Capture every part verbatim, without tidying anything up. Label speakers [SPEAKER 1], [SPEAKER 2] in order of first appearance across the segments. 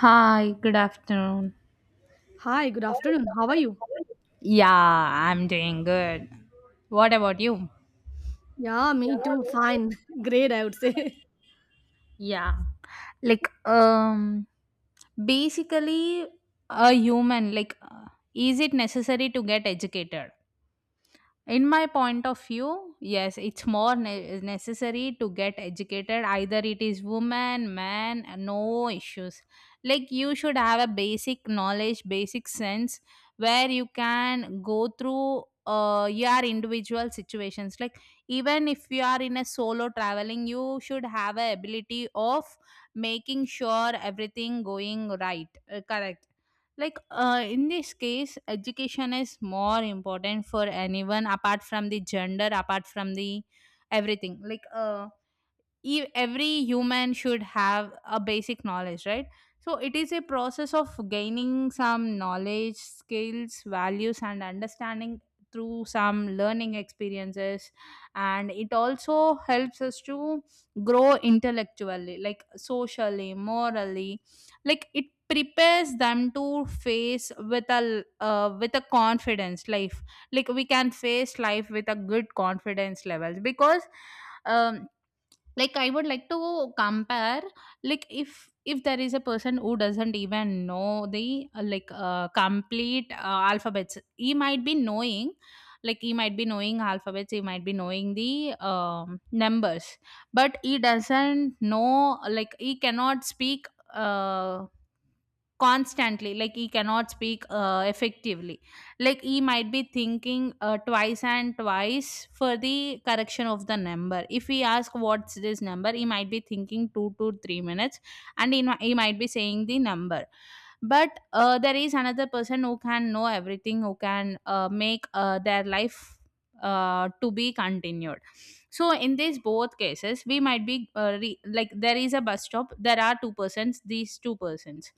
[SPEAKER 1] Hi, good afternoon.
[SPEAKER 2] Hi, good afternoon. How are you?
[SPEAKER 1] Yeah, I'm doing good. What about you?
[SPEAKER 2] Yeah, me too. Fine. Great, I would say.
[SPEAKER 1] Yeah. Like um basically a human like uh, is it necessary to get educated? In my point of view, yes, it's more ne- necessary to get educated, either it is woman, man, no issues. Like you should have a basic knowledge, basic sense, where you can go through uh, your individual situations. Like even if you are in a solo traveling, you should have a ability of making sure everything going right, uh, correct. Like uh, in this case, education is more important for anyone, apart from the gender, apart from the everything. Like uh, e- every human should have a basic knowledge, right? So it is a process of gaining some knowledge, skills, values, and understanding through some learning experiences. And it also helps us to grow intellectually, like socially, morally. Like it prepares them to face with a uh, with a confidence life. Like we can face life with a good confidence levels. Because um like I would like to compare. Like if if there is a person who doesn't even know the uh, like uh, complete uh, alphabets, he might be knowing. Like he might be knowing alphabets, he might be knowing the um, numbers, but he doesn't know, like he cannot speak uh, constantly, like he cannot speak uh, effectively. Like he might be thinking uh, twice and twice for the correction of the number. If we ask what's this number, he might be thinking two to three minutes, and he, mi- he might be saying the number. But uh, there is another person who can know everything, who can uh, make uh, their life uh, to be continued. So in these both cases, we might be uh, re- like, there is a bus stop, there are two persons, these two persons.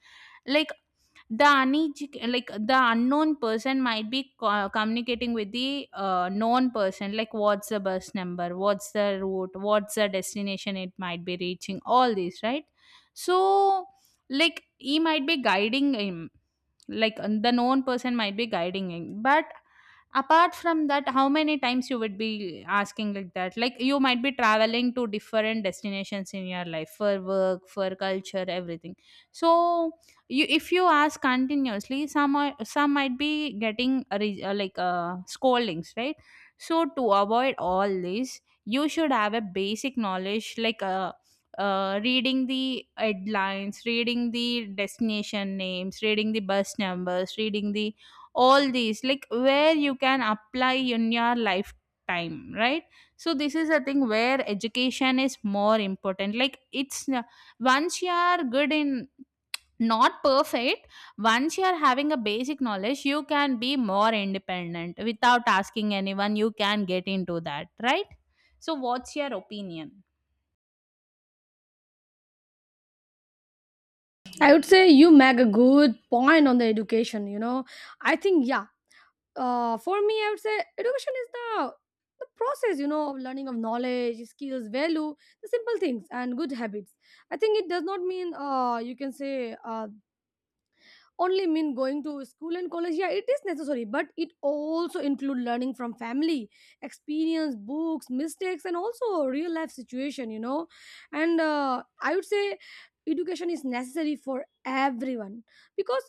[SPEAKER 1] Like the uneduc- like the unknown person might be co- communicating with the uh, known person, like what's the bus number, what's the route, what's the destination, it might be reaching, all these, right? So like he might be guiding him. Like uh, the known person might be guiding him. But apart from that, how many times you would be asking like that? Like you might be traveling to different destinations in your life, for work, for culture, everything. So you, if you ask continuously, some are, some might be getting a re- uh, like uh, scoldings, right? So to avoid all this, you should have a basic knowledge, like uh, uh, reading the headlines, reading the destination names, reading the bus numbers, reading the all these, like where you can apply in your lifetime, right? So this is a thing where education is more important. Like it's n- once you are good in, not perfect. Once you are having a basic knowledge, you can be more independent without asking anyone. You can get into that, right? So, what's your opinion?
[SPEAKER 2] I would say you make a good point on the education, you know. I think, yeah, uh, for me, I would say education is the, the process, you know, of learning of knowledge, skills, value, the simple things, and good habits. I think it does not mean, uh, you can say, uh, only mean going to school and college. Yeah, it is necessary, but it also include learning from family, experience, books, mistakes, and also real life situation, you know. And uh, I would say education is necessary for everyone, because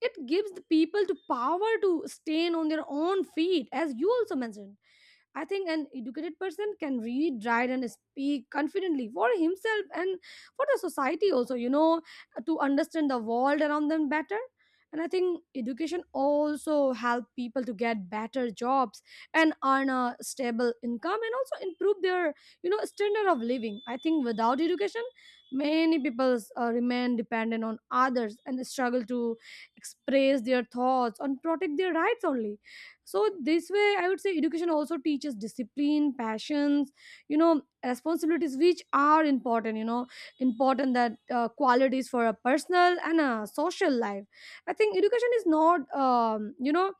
[SPEAKER 2] it gives the people to power to stand on their own feet, as you also mentioned. I think an educated person can read, write, and speak confidently for himself and for the society also, you know, to understand the world around them better. And I think education also help people to get better jobs and earn a stable income and also improve their, you know, standard of living. I think without education, many people uh, remain dependent on others and struggle to express their thoughts and protect their rights only. So this way, I would say education also teaches discipline, passions, you know, responsibilities, which are important, you know, important that uh, qualities for a personal and a social life. I think education is not um, you know,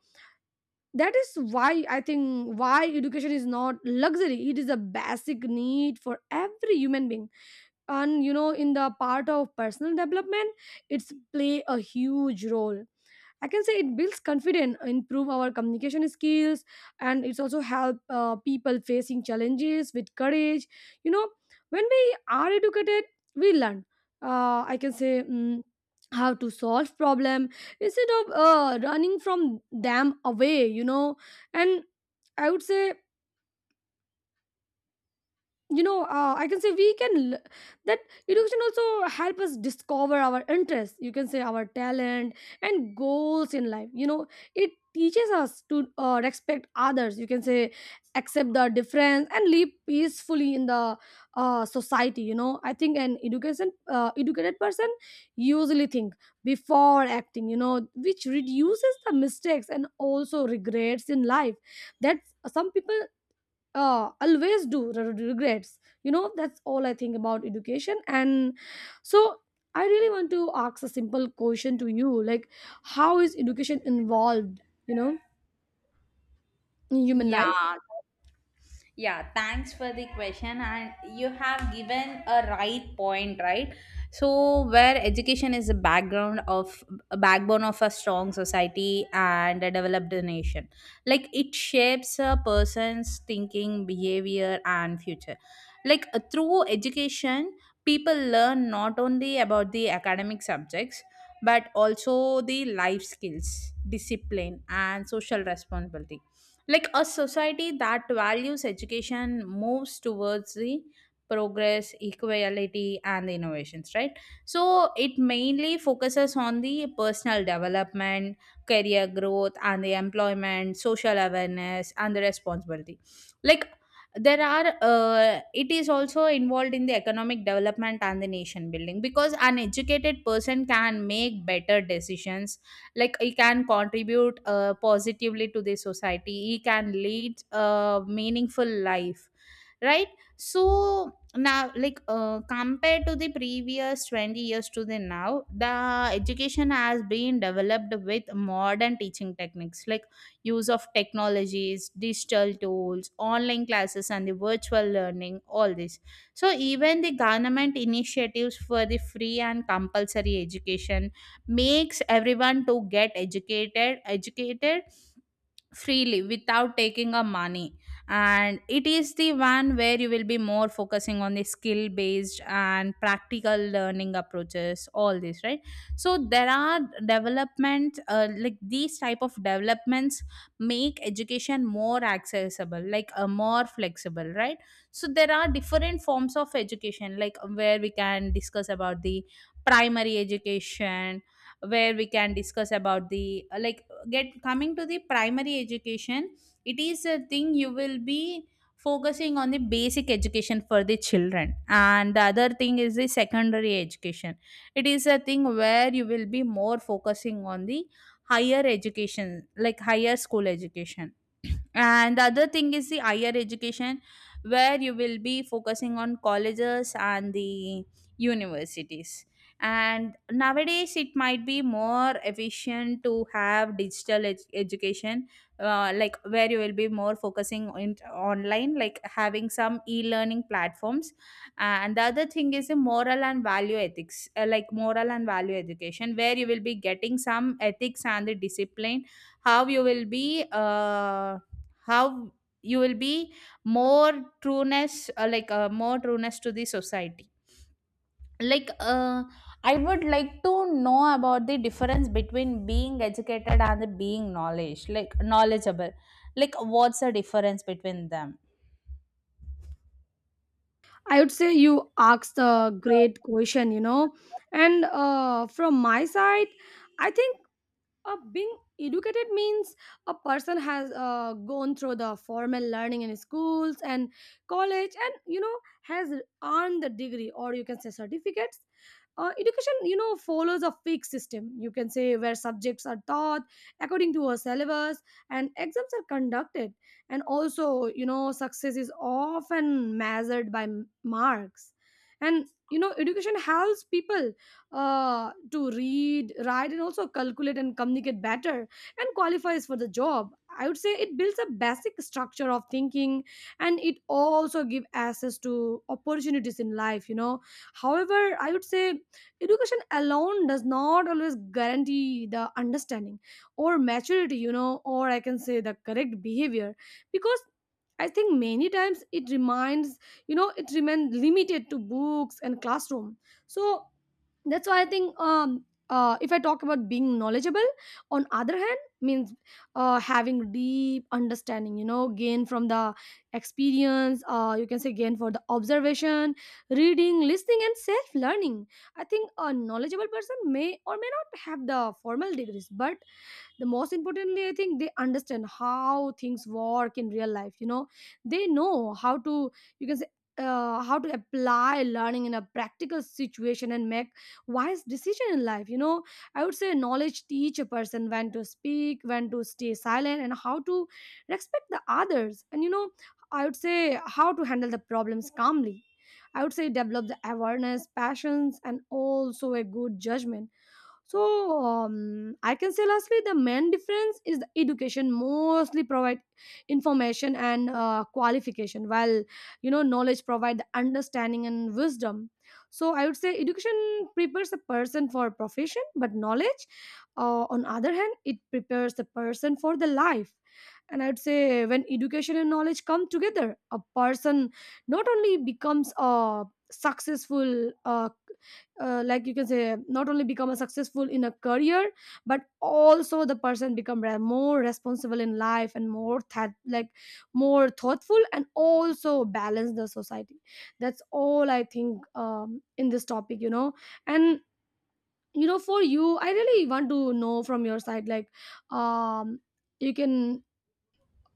[SPEAKER 2] that is why I think why education is not luxury, it is a basic need for every human being. And you know, in the part of personal development, it's play a huge role. I can say it builds confidence, improve our communication skills, and it's also help uh, people facing challenges with courage. You know, when we are educated, we learn. Uh, I can say. Mm how to solve problem instead of uh, running from them away, you know. And I would say, you know, uh, I can say we can l- that education also help us discover our interests, you can say, our talent and goals in life, you know. It teaches us to uh, respect others, you can say, accept the difference and live peacefully in the uh, society, you know. I think an education uh, educated person usually think before acting, you know, which reduces the mistakes and also regrets in life. That some people uh, always do r- r- regrets, you know. That's all I think about education. And so I really want to ask a simple question to you, like, how is education involved, you know, in human
[SPEAKER 1] Yeah.
[SPEAKER 2] life?
[SPEAKER 1] Yeah, thanks for the question. And you have given a right point, right? So, where education is a background of, a backbone of a strong society and a developed nation, like it shapes a person's thinking, behavior, and future. Like uh, through education, people learn not only about the academic subjects, but also the life skills, discipline, and social responsibility. Like a society that values education moves towards the progress, equality, and innovations, right? So it mainly focuses on the personal development, career growth, and the employment, social awareness, and the responsibility. Like there are uh, it is also involved in the economic development and the nation building, because an educated person can make better decisions. Like he can contribute uh, positively to the society, he can lead a meaningful life, right? So now, like uh, compared to the previous twenty years to the now, the education has been developed with modern teaching techniques, like use of technologies, digital tools, online classes, and the virtual learning, all this. So even the government initiatives for the free and compulsory education makes everyone to get educated, educated freely without taking a money. And it is the one where you will be more focusing on the skill based and practical learning approaches, all this, right? So there are development, uh, like these type of developments make education more accessible, like uh, more flexible, right? So there are different forms of education, like where we can discuss about the primary education, where we can discuss about the uh, like get coming to the primary education. It is a thing you will be focusing on the basic education for the children. And the other thing is the secondary education. It is a thing where you will be more focusing on the higher education, like higher school education. And the other thing is the higher education, where you will be focusing on colleges and the universities. And nowadays it might be more efficient to have digital ed- education, uh, like where you will be more focusing on online, like having some e-learning platforms. And the other thing is a moral and value ethics, uh, like moral and value education, where you will be getting some ethics and the discipline, how you will be uh, how you will be more trueness, uh, like uh, more trueness to the society. like uh, I would like to know about the difference between being educated and the being knowledge, like knowledgeable. Like what's the difference between them?
[SPEAKER 2] I would say you asked a great question, you know. And uh, from my side, I think uh, being educated means a person has uh, gone through the formal learning in schools and college, and you know, has earned the degree, or you can say certificates. Uh, education, you know, follows a fixed system, you can say, where subjects are taught according to a syllabus and exams are conducted, and also, you know, success is often measured by m- marks. And you know, education helps people uh, to read, write, and also calculate and communicate better and qualifies for the job. I would say it builds a basic structure of thinking, and it also give access to opportunities in life, you know. However, I would say education alone does not always guarantee the understanding or maturity, you know, or I can say the correct behavior, because I think many times it reminds, you know, it remains limited to books and classroom. So that's why I think um uh, if I talk about being knowledgeable on other hand means uh, having deep understanding, you know, gain from the experience, uh, you can say, gain for the observation, reading, listening, and self learning. I think a knowledgeable person may or may not have the formal degrees, but the most importantly, I think they understand how things work in real life, you know. They know how to, you can say, uh, how to apply learning in a practical situation and make wise decision in life, you know. I would say knowledge teach a person when to speak, when to stay silent, and how to respect the others. And you know, I would say how to handle the problems calmly. I would say develop the awareness, passions, and also a good judgment. So um, I can say lastly the main difference is the education mostly provide information and uh, qualification, while, you know, knowledge provide the understanding and wisdom. So I would say education prepares a person for a profession, but knowledge, uh, on other hand, it prepares the person for the life. And I'd say when education and knowledge come together, a person not only becomes a successful uh, uh, like you can say, not only become a successful in a career, but also the person become re- more responsible in life, and more that, like, more thoughtful and also balance the society. That's all I think, um, in this topic, you know. And you know, for you, I really want to know from your side, like, um you can,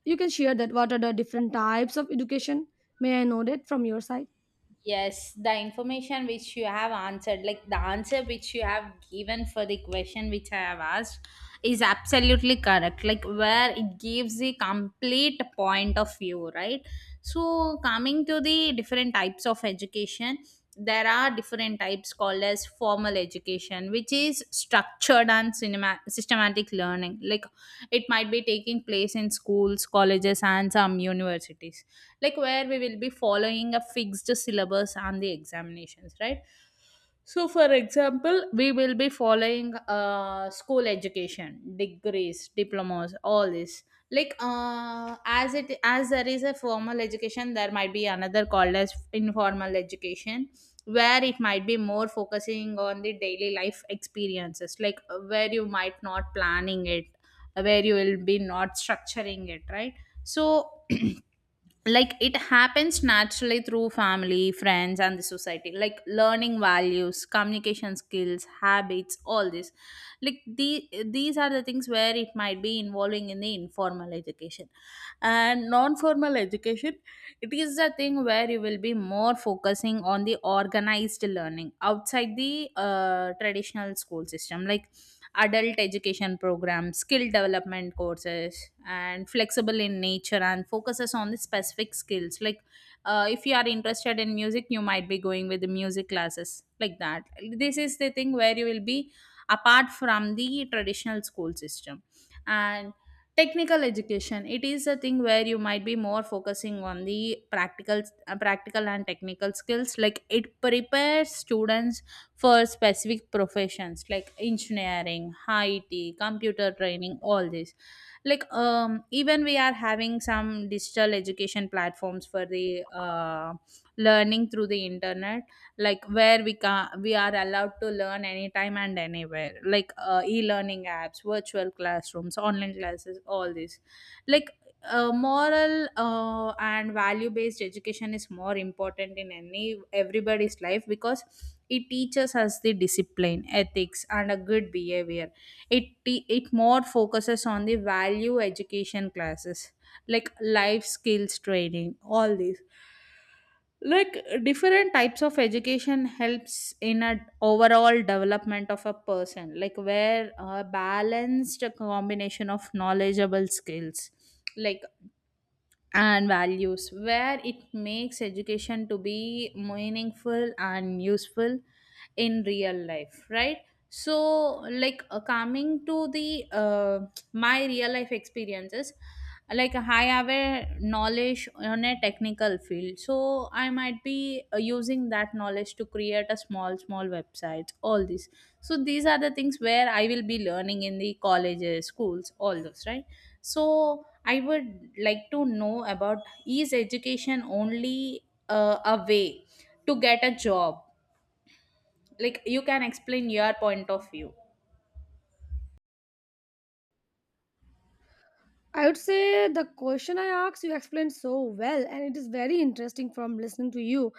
[SPEAKER 2] you can share that, what are the different types of education? May I know that from your side?
[SPEAKER 1] Yes, the information which you have answered, like the answer which you have given for the question which I have asked, is absolutely correct. Like where it gives the complete point of view, right? So, coming to the different types of education, there are different types called as formal education, which is structured and cinema- systematic learning. Like it might be taking place in schools, colleges, and some universities, like where we will be following a fixed syllabus on the examinations, right? So for example, we will be following uh, school education, degrees, diplomas, all this. Like uh, as it as There is a formal education, there might be another called as informal education, where it might be more focusing on the daily life experiences, like uh, where you might not planning it, where you will be not structuring it, right? So like it happens naturally through family, friends, and the society, like learning values, communication skills, habits, all this. Like the these are the things where it might be involving in the informal education. And non-formal education, it is the thing where you will be more focusing on the organized learning outside the uh, traditional school system, like adult education programs, skill development courses, and flexible in nature and focuses on the specific skills. Like, uh, if you are interested in music, you might be going with the music classes, like that. This is the thing where you will be apart from the traditional school system. And technical education, it is a thing where you might be more focusing on the practical uh, practical and technical skills. Like it prepares students for specific professions, like engineering, I T, computer training, all this. Like um, even we are having some digital education platforms for the uh, learning through the internet, like where we can we are allowed to learn anytime and anywhere, like uh, e-learning apps, virtual classrooms, online classes, all this. Like uh, Moral uh, and value based education is more important in any everybody's life, because it teaches us the discipline, ethics, and a good behavior. It te- it more focuses on the value education classes, like life skills training, all these. Like different types of education helps in a overall development of a person, like where a balanced combination of knowledgeable skills like and values, where it makes education to be meaningful and useful in real life, right? So like uh, coming to the uh, my real life experiences, like I have a knowledge on a technical field, so I might be uh, using that knowledge to create a small small websites, all this. So these are the things where I will be learning in the colleges, schools, all those, right? So I would like to know about, is education only uh, a way to get a job? Like, you can explain your point of view.
[SPEAKER 2] I would say the question I asked you explained so well, and it is very interesting from listening to you.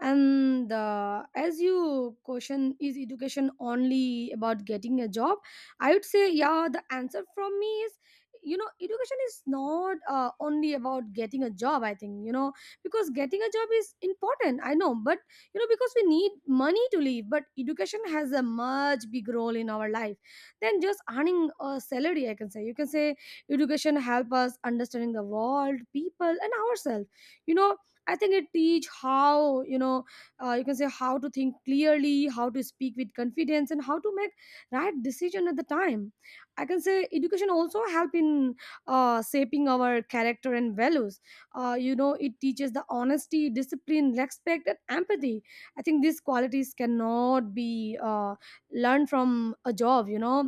[SPEAKER 2] And the, as you question is, education only about getting a job, I would say yeah. The answer from me is, you know, education is not uh, only about getting a job. I think, you know, because getting a job is important, I know, but you know, because we need money to live, but education has a much big role in our life than just earning a salary. I can say, you can say, education help us understanding the world, people, and ourselves, you know. I think it teach how, you know, uh, you can say, how to think clearly, how to speak with confidence, and how to make right decision at the time. I can say education also help in uh, shaping our character and values. Uh, you know, it teaches the honesty, discipline, respect, and empathy. I think these qualities cannot be uh, learned from a job, you know,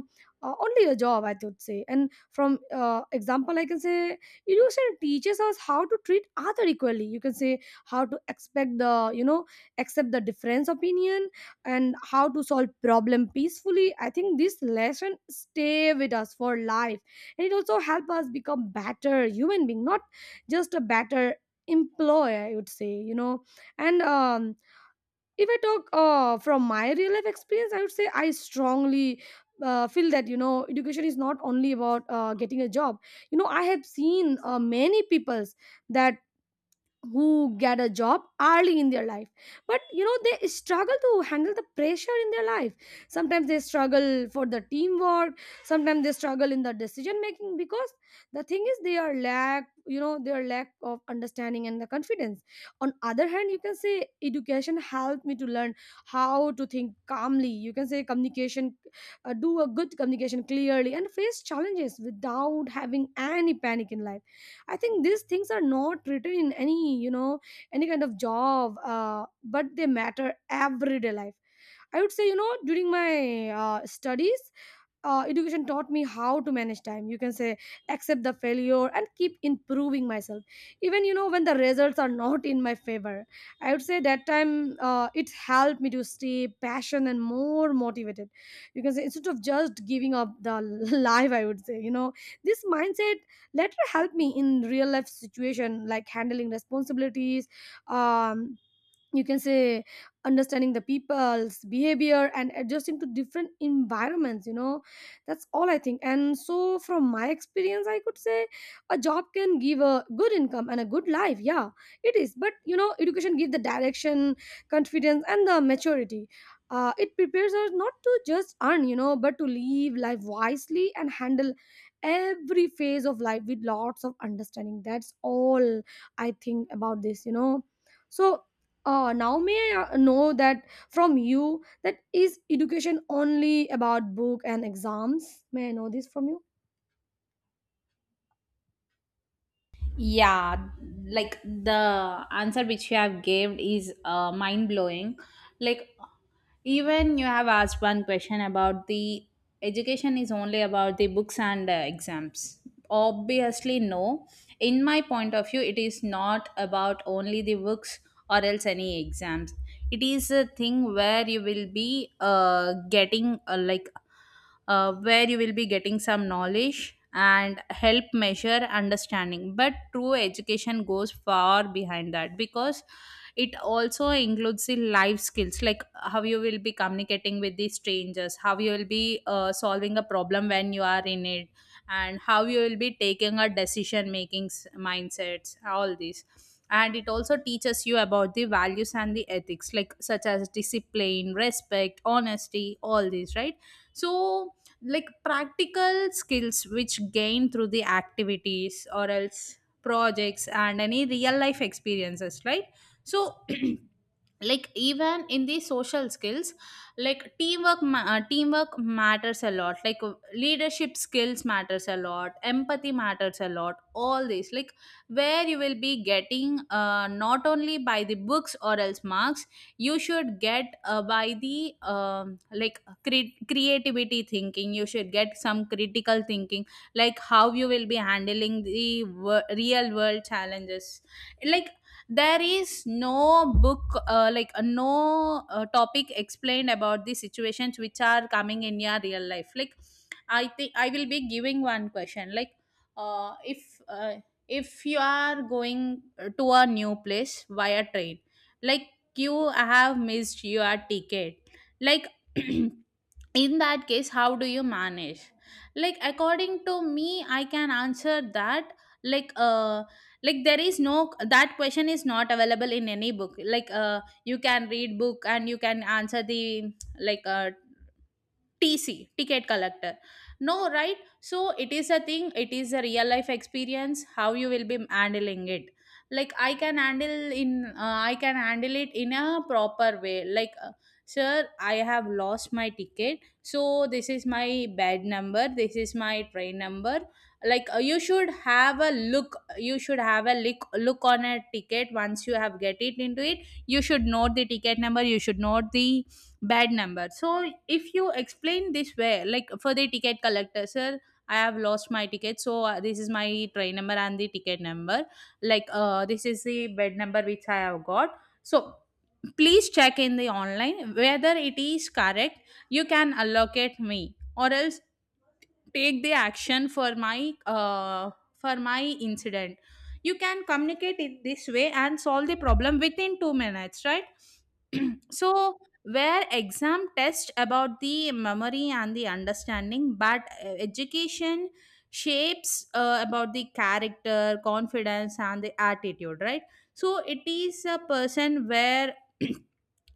[SPEAKER 2] uh, only a job, I would say. And from uh, example, I can say education teaches us how to treat other equally, you can say, how to expect the, you know, accept the difference opinion, and how to solve problem peacefully. I think this lesson stay with us for life, and it also help us become better human being, not just a better employee, I would say, you know. And um if I talk uh, from my real life experience, I would say I strongly uh, feel that, you know, education is not only about uh, getting a job. You know, I have seen uh, many peoples that who get a job early in their life, but you know, they struggle to handle the pressure in their life. Sometimes they struggle for the teamwork, sometimes they struggle in the decision making, because the thing is they are lack, you know, their lack of understanding and the confidence. On other hand, you can say, education helped me to learn how to think calmly, you can say, communication, uh, do a good communication clearly and face challenges without having any panic in life. I think these things are not written in any, you know, any kind of job, uh, but they matter everyday life. I would say, you know, during my uh, studies, uh, education taught me how to manage time, you can say, accept the failure and keep improving myself, even, you know, when the results are not in my favor. I would say that time uh, it helped me to stay passionate and more motivated, you can say, instead of just giving up the life, I would say, you know, this mindset later helped me in real life situation, like handling responsibilities, um, you can say, understanding the people's behavior and adjusting to different environments, you know. That's all I think. And so from my experience, I could say a job can give a good income and a good life. Yeah, it is, but you know, education gives the direction, confidence, and the maturity. Uh, it prepares us not to just earn, you know, but to live life wisely and handle every phase of life with lots of understanding. That's all I think about this, you know. So uh, now may i uh, know that from you, that is education only about book and exams? May I know this from you?
[SPEAKER 1] Yeah, like the answer which you have gave is uh, mind blowing. Like even you have asked one question about the education is only about the books and uh, exams. Obviously, no. In my point of view, it is not about only the books or else any exams. It is a thing where you will be uh, getting uh, like uh, where you will be getting some knowledge and help measure understanding, but true education goes far behind that because it also includes the life skills, like how you will be communicating with the strangers, how you will be uh, solving a problem when you are in it, and how you will be taking a decision making mindsets, all these. And it also teaches you about the values and the ethics, like such as discipline, respect, honesty, all these, right? So, like practical skills which gain through the activities or else projects and any real life experiences, right? So like even in the social skills, like teamwork ma- uh, teamwork matters a lot, like uh, leadership skills matters a lot, empathy matters a lot, all this. Like where you will be getting uh, not only by the books or else marks, you should get uh, by the um, like cre- creativity thinking, you should get some critical thinking, like how you will be handling the wor- real world challenges. Like there is no book uh, like uh, no uh, topic explained about the situations which are coming in your real life. Like I think I will be giving one question. Like uh, if uh, if you are going uh, to a new place via train, like you have missed your ticket, like in that case, how do you manage? Like according to me, I can answer that. Like uh like there is no, that question is not available in any book. Like uh, you can read book and you can answer the, like uh, T C, ticket collector. No, right? So it is a thing, it is a real life experience, how you will be handling it. Like I can handle in uh, I can handle it in a proper way. Like uh, sir, I have lost my ticket. So this is my bed number, this is my train number. Like uh, you should have a look, you should have a look look on a ticket once you have get it into it. You should note the ticket number, you should note the bad number. So if you explain this way, like for the ticket collector, sir, I have lost my ticket, so uh, this is my train number and the ticket number, like uh, this is the bed number which I have got. So please check in the online whether it is correct. You can allocate me, or else take the action for my uh, for my incident. You can communicate it this way and solve the problem within two minutes, right? So, where exam test about the memory and the understanding, but uh, education shapes uh, about the character, confidence and the attitude, right? So it is a person where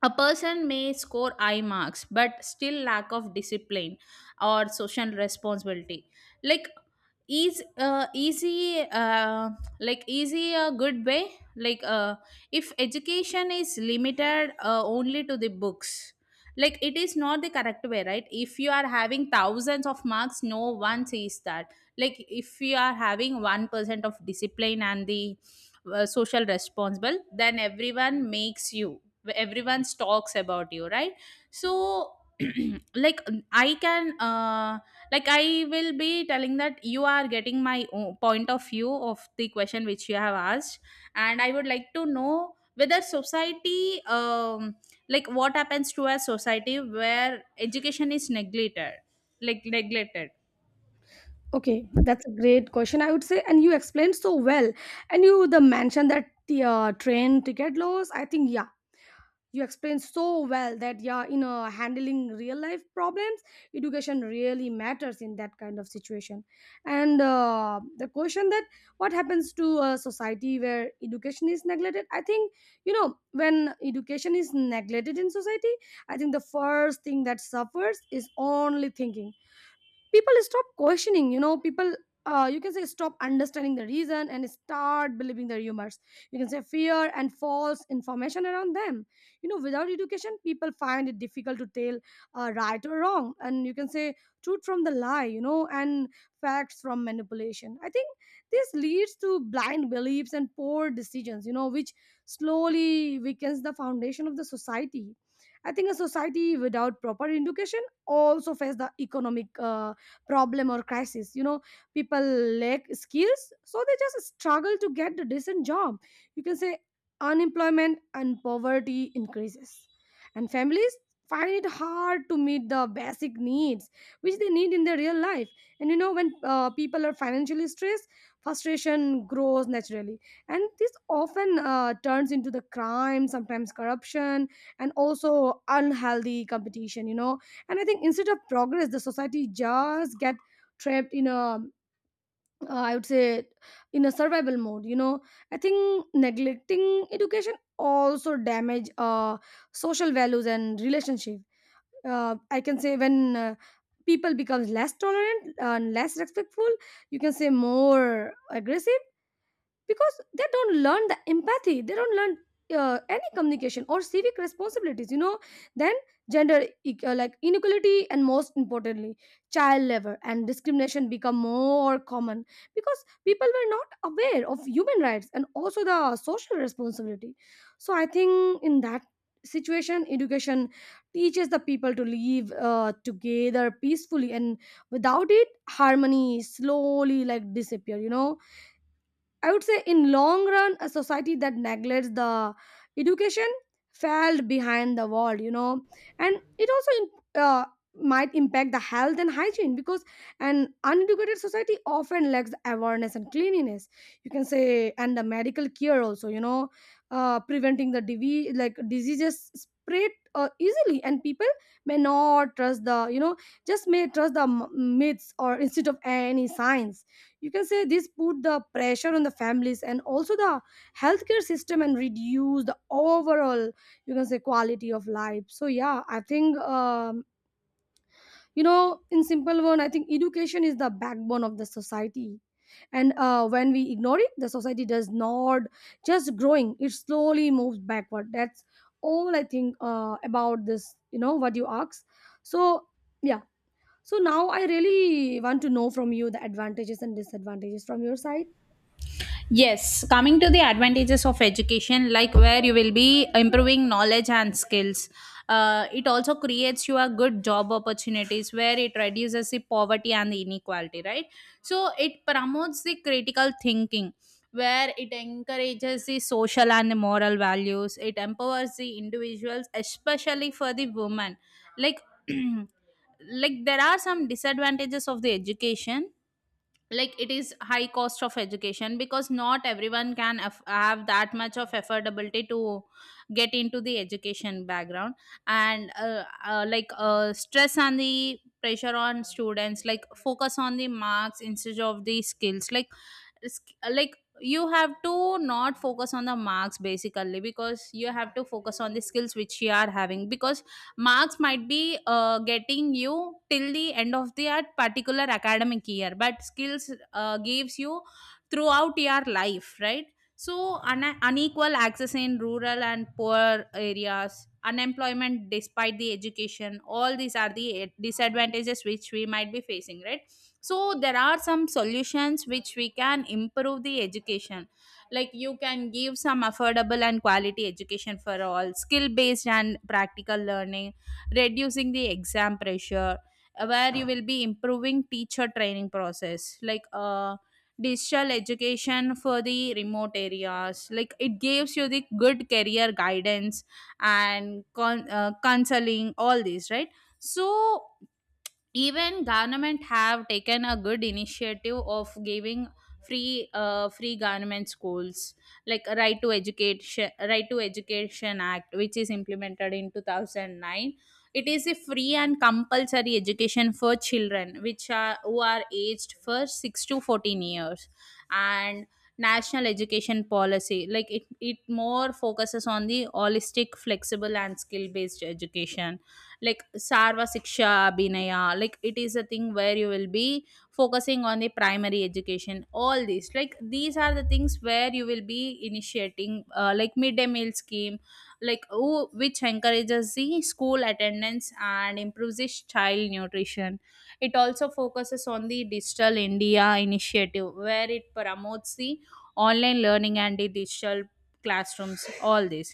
[SPEAKER 1] a person may score high marks but still lack of discipline or social responsibility. Like is uh, easy uh, like easy a good way, like uh, if education is limited uh, only to the books, like it is not the correct way, right? If you are having thousands of marks, no one sees that. Like if you are having one percent of discipline and the uh, social responsible, then everyone makes you, everyone talks about you, right? So like I can uh like I will be telling that you are getting my o- point of view of the question which you have asked. And I would like to know whether society, um like what happens to a society where education is neglected, like neglected
[SPEAKER 2] Okay, that's a great question, I would say, and you explained so well. And you the mentioned that the uh, train ticket laws, I think. Yeah, you explained so well that, yeah, in uh, handling real life problems, education really matters in that kind of situation. And uh, the question that what Happens to a society where education is neglected? I think you know when education is neglected in society, I think the first thing that suffers is only thinking. People stop questioning, you know people uh, you can say stop understanding the reason and start believing the rumors. You can say fear and false information around them. You know Without education, people find it difficult to tell uh, right or wrong, and you can say truth from the lie, you know and facts from manipulation. I think this leads to blind beliefs and poor decisions you know which slowly weakens the foundation of the society. I think a society without proper education also faces the economic uh, problem or crisis, you know people lack skills, so they just struggle to get a decent job. You can say unemployment and poverty increases, and families find it hard to meet the basic needs which they need in their real life. And you know when uh, people are financially stressed, frustration grows naturally, and this often uh, turns into the crime, sometimes corruption, and also unhealthy competition. You know and I think instead of progress, the society just get trapped in a uh, I would say in a survival mode. you know I think neglecting education also damage uh, social values and relationship. uh, I can say when uh, people becomes less tolerant and less respectful, you can say more aggressive, because they don't learn the empathy, they don't learn uh, any communication or civic responsibilities. You know then gender e- uh, like inequality, and most importantly, child labor and discrimination become more common, because people were not aware of human rights and also the social responsibility. So I think in that situation, education teaches the people to live uh, together peacefully, and without it, harmony slowly like disappear. you know I would say in long run, a society that neglects the education fell behind the world, you know, and it also im- uh, might impact the health and hygiene, because an uneducated society often lacks the awareness and cleanliness. You can say, and the medical care also, you know, uh, preventing the divi- like diseases spread uh, easily, and people may not trust the you know just may trust the m- myths or instead of any science. You can say this put the pressure on the families and also the healthcare system, and reduce the overall, you can say, quality of life. So yeah, I think um, you know in simple one, I think education is the backbone of the society, and uh, when we ignore it, the society does not just growing, it slowly moves backward. That's all I think uh, about this, you know what you asked. So yeah. So now I really want to know from you the advantages and disadvantages from your side.
[SPEAKER 1] Yes, coming to the advantages of education, like where you will be improving knowledge and skills. Uh, it also creates you a good job opportunities where it reduces the poverty and the inequality, right? So it promotes the critical thinking, where it encourages the social and the moral values. It empowers the individuals, especially for the women. Like like there are some disadvantages of the education. Like it is high cost of education because not everyone can aff- have that much of affordability to get into the education background. And uh, uh, like uh, stress and the pressure on students, like focus on the marks instead of the skills. Like it's- like you have to not focus on the marks basically, because you have to focus on the skills which you are having. Because marks might be uh, getting you till the end of the at particular academic year, but skills uh, gives you throughout your life, right? So un- unequal access in rural and poor areas, unemployment despite the education, all these are the eh, disadvantages which we might be facing, right? So there are some solutions which we can improve the education, like you can give some affordable and quality education for all, skill based and practical learning, reducing the exam pressure, uh, where you will be improving teacher training process, like uh, digital education for the remote areas, like it gives you the good career guidance and con- uh, counseling, all these, right? So even government have taken a good initiative of giving free uh, free government schools, like right to education, right to education act which is implemented in two thousand nine. It is a free and compulsory education for children which are who are aged for six to fourteen years. And national education policy, like it, it more focuses on the holistic, flexible and skill based education. Like Sarva Siksha Abhinaya, like it is a thing where you will be focusing on the primary education, all these. Like these are the things where you will be initiating, uh, like midday meal scheme, like who, which encourages the school attendance and improves the child nutrition. It also focuses on the Digital India initiative, where it promotes the online learning and the digital classrooms, all this.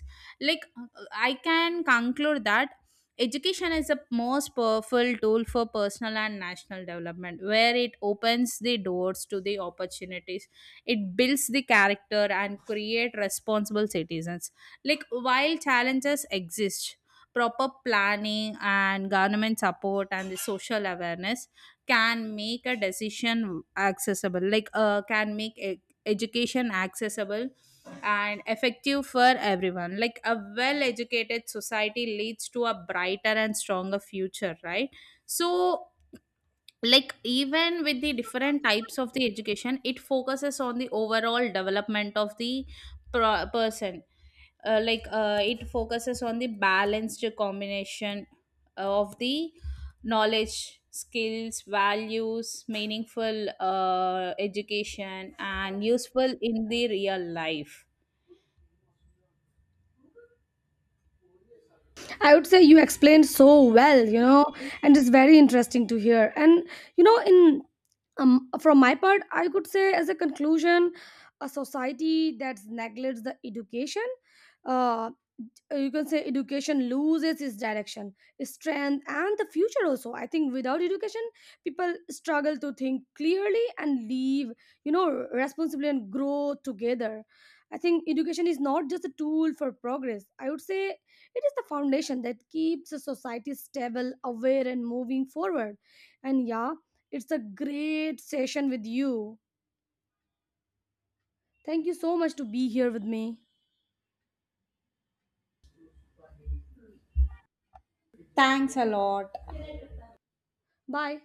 [SPEAKER 1] like uh, I can conclude that education is the most powerful tool for personal and national development, where it opens the doors to the opportunities. It builds the character and create responsible citizens. Like while challenges exist, proper planning and government support and the social awareness can make a decision accessible. Like uh, can make e- education accessible and effective for everyone. Like a well educated society leads to a brighter and stronger future, right? So, like even with the different types of the education, it focuses on the overall development of the pro- person. Uh, like uh, it focuses on the balanced combination of the knowledge, skills, values, meaningful uh, education and useful in the real life.
[SPEAKER 2] I would say you explained so well, you know, and it's very interesting to hear. And you know, in um, from my part, I could say as a conclusion, a society that neglects the education, uh, you can say education loses its direction, its strength, and the future also. I think without education, people struggle to think clearly and live, you know, responsibly, and grow together. I think education is not just a tool for progress. I would say it is the foundation that keeps a society stable, aware, and moving forward. And yeah, it's a great session with you. Thank you so much to be here with me.
[SPEAKER 1] Thanks a lot.
[SPEAKER 2] Bye.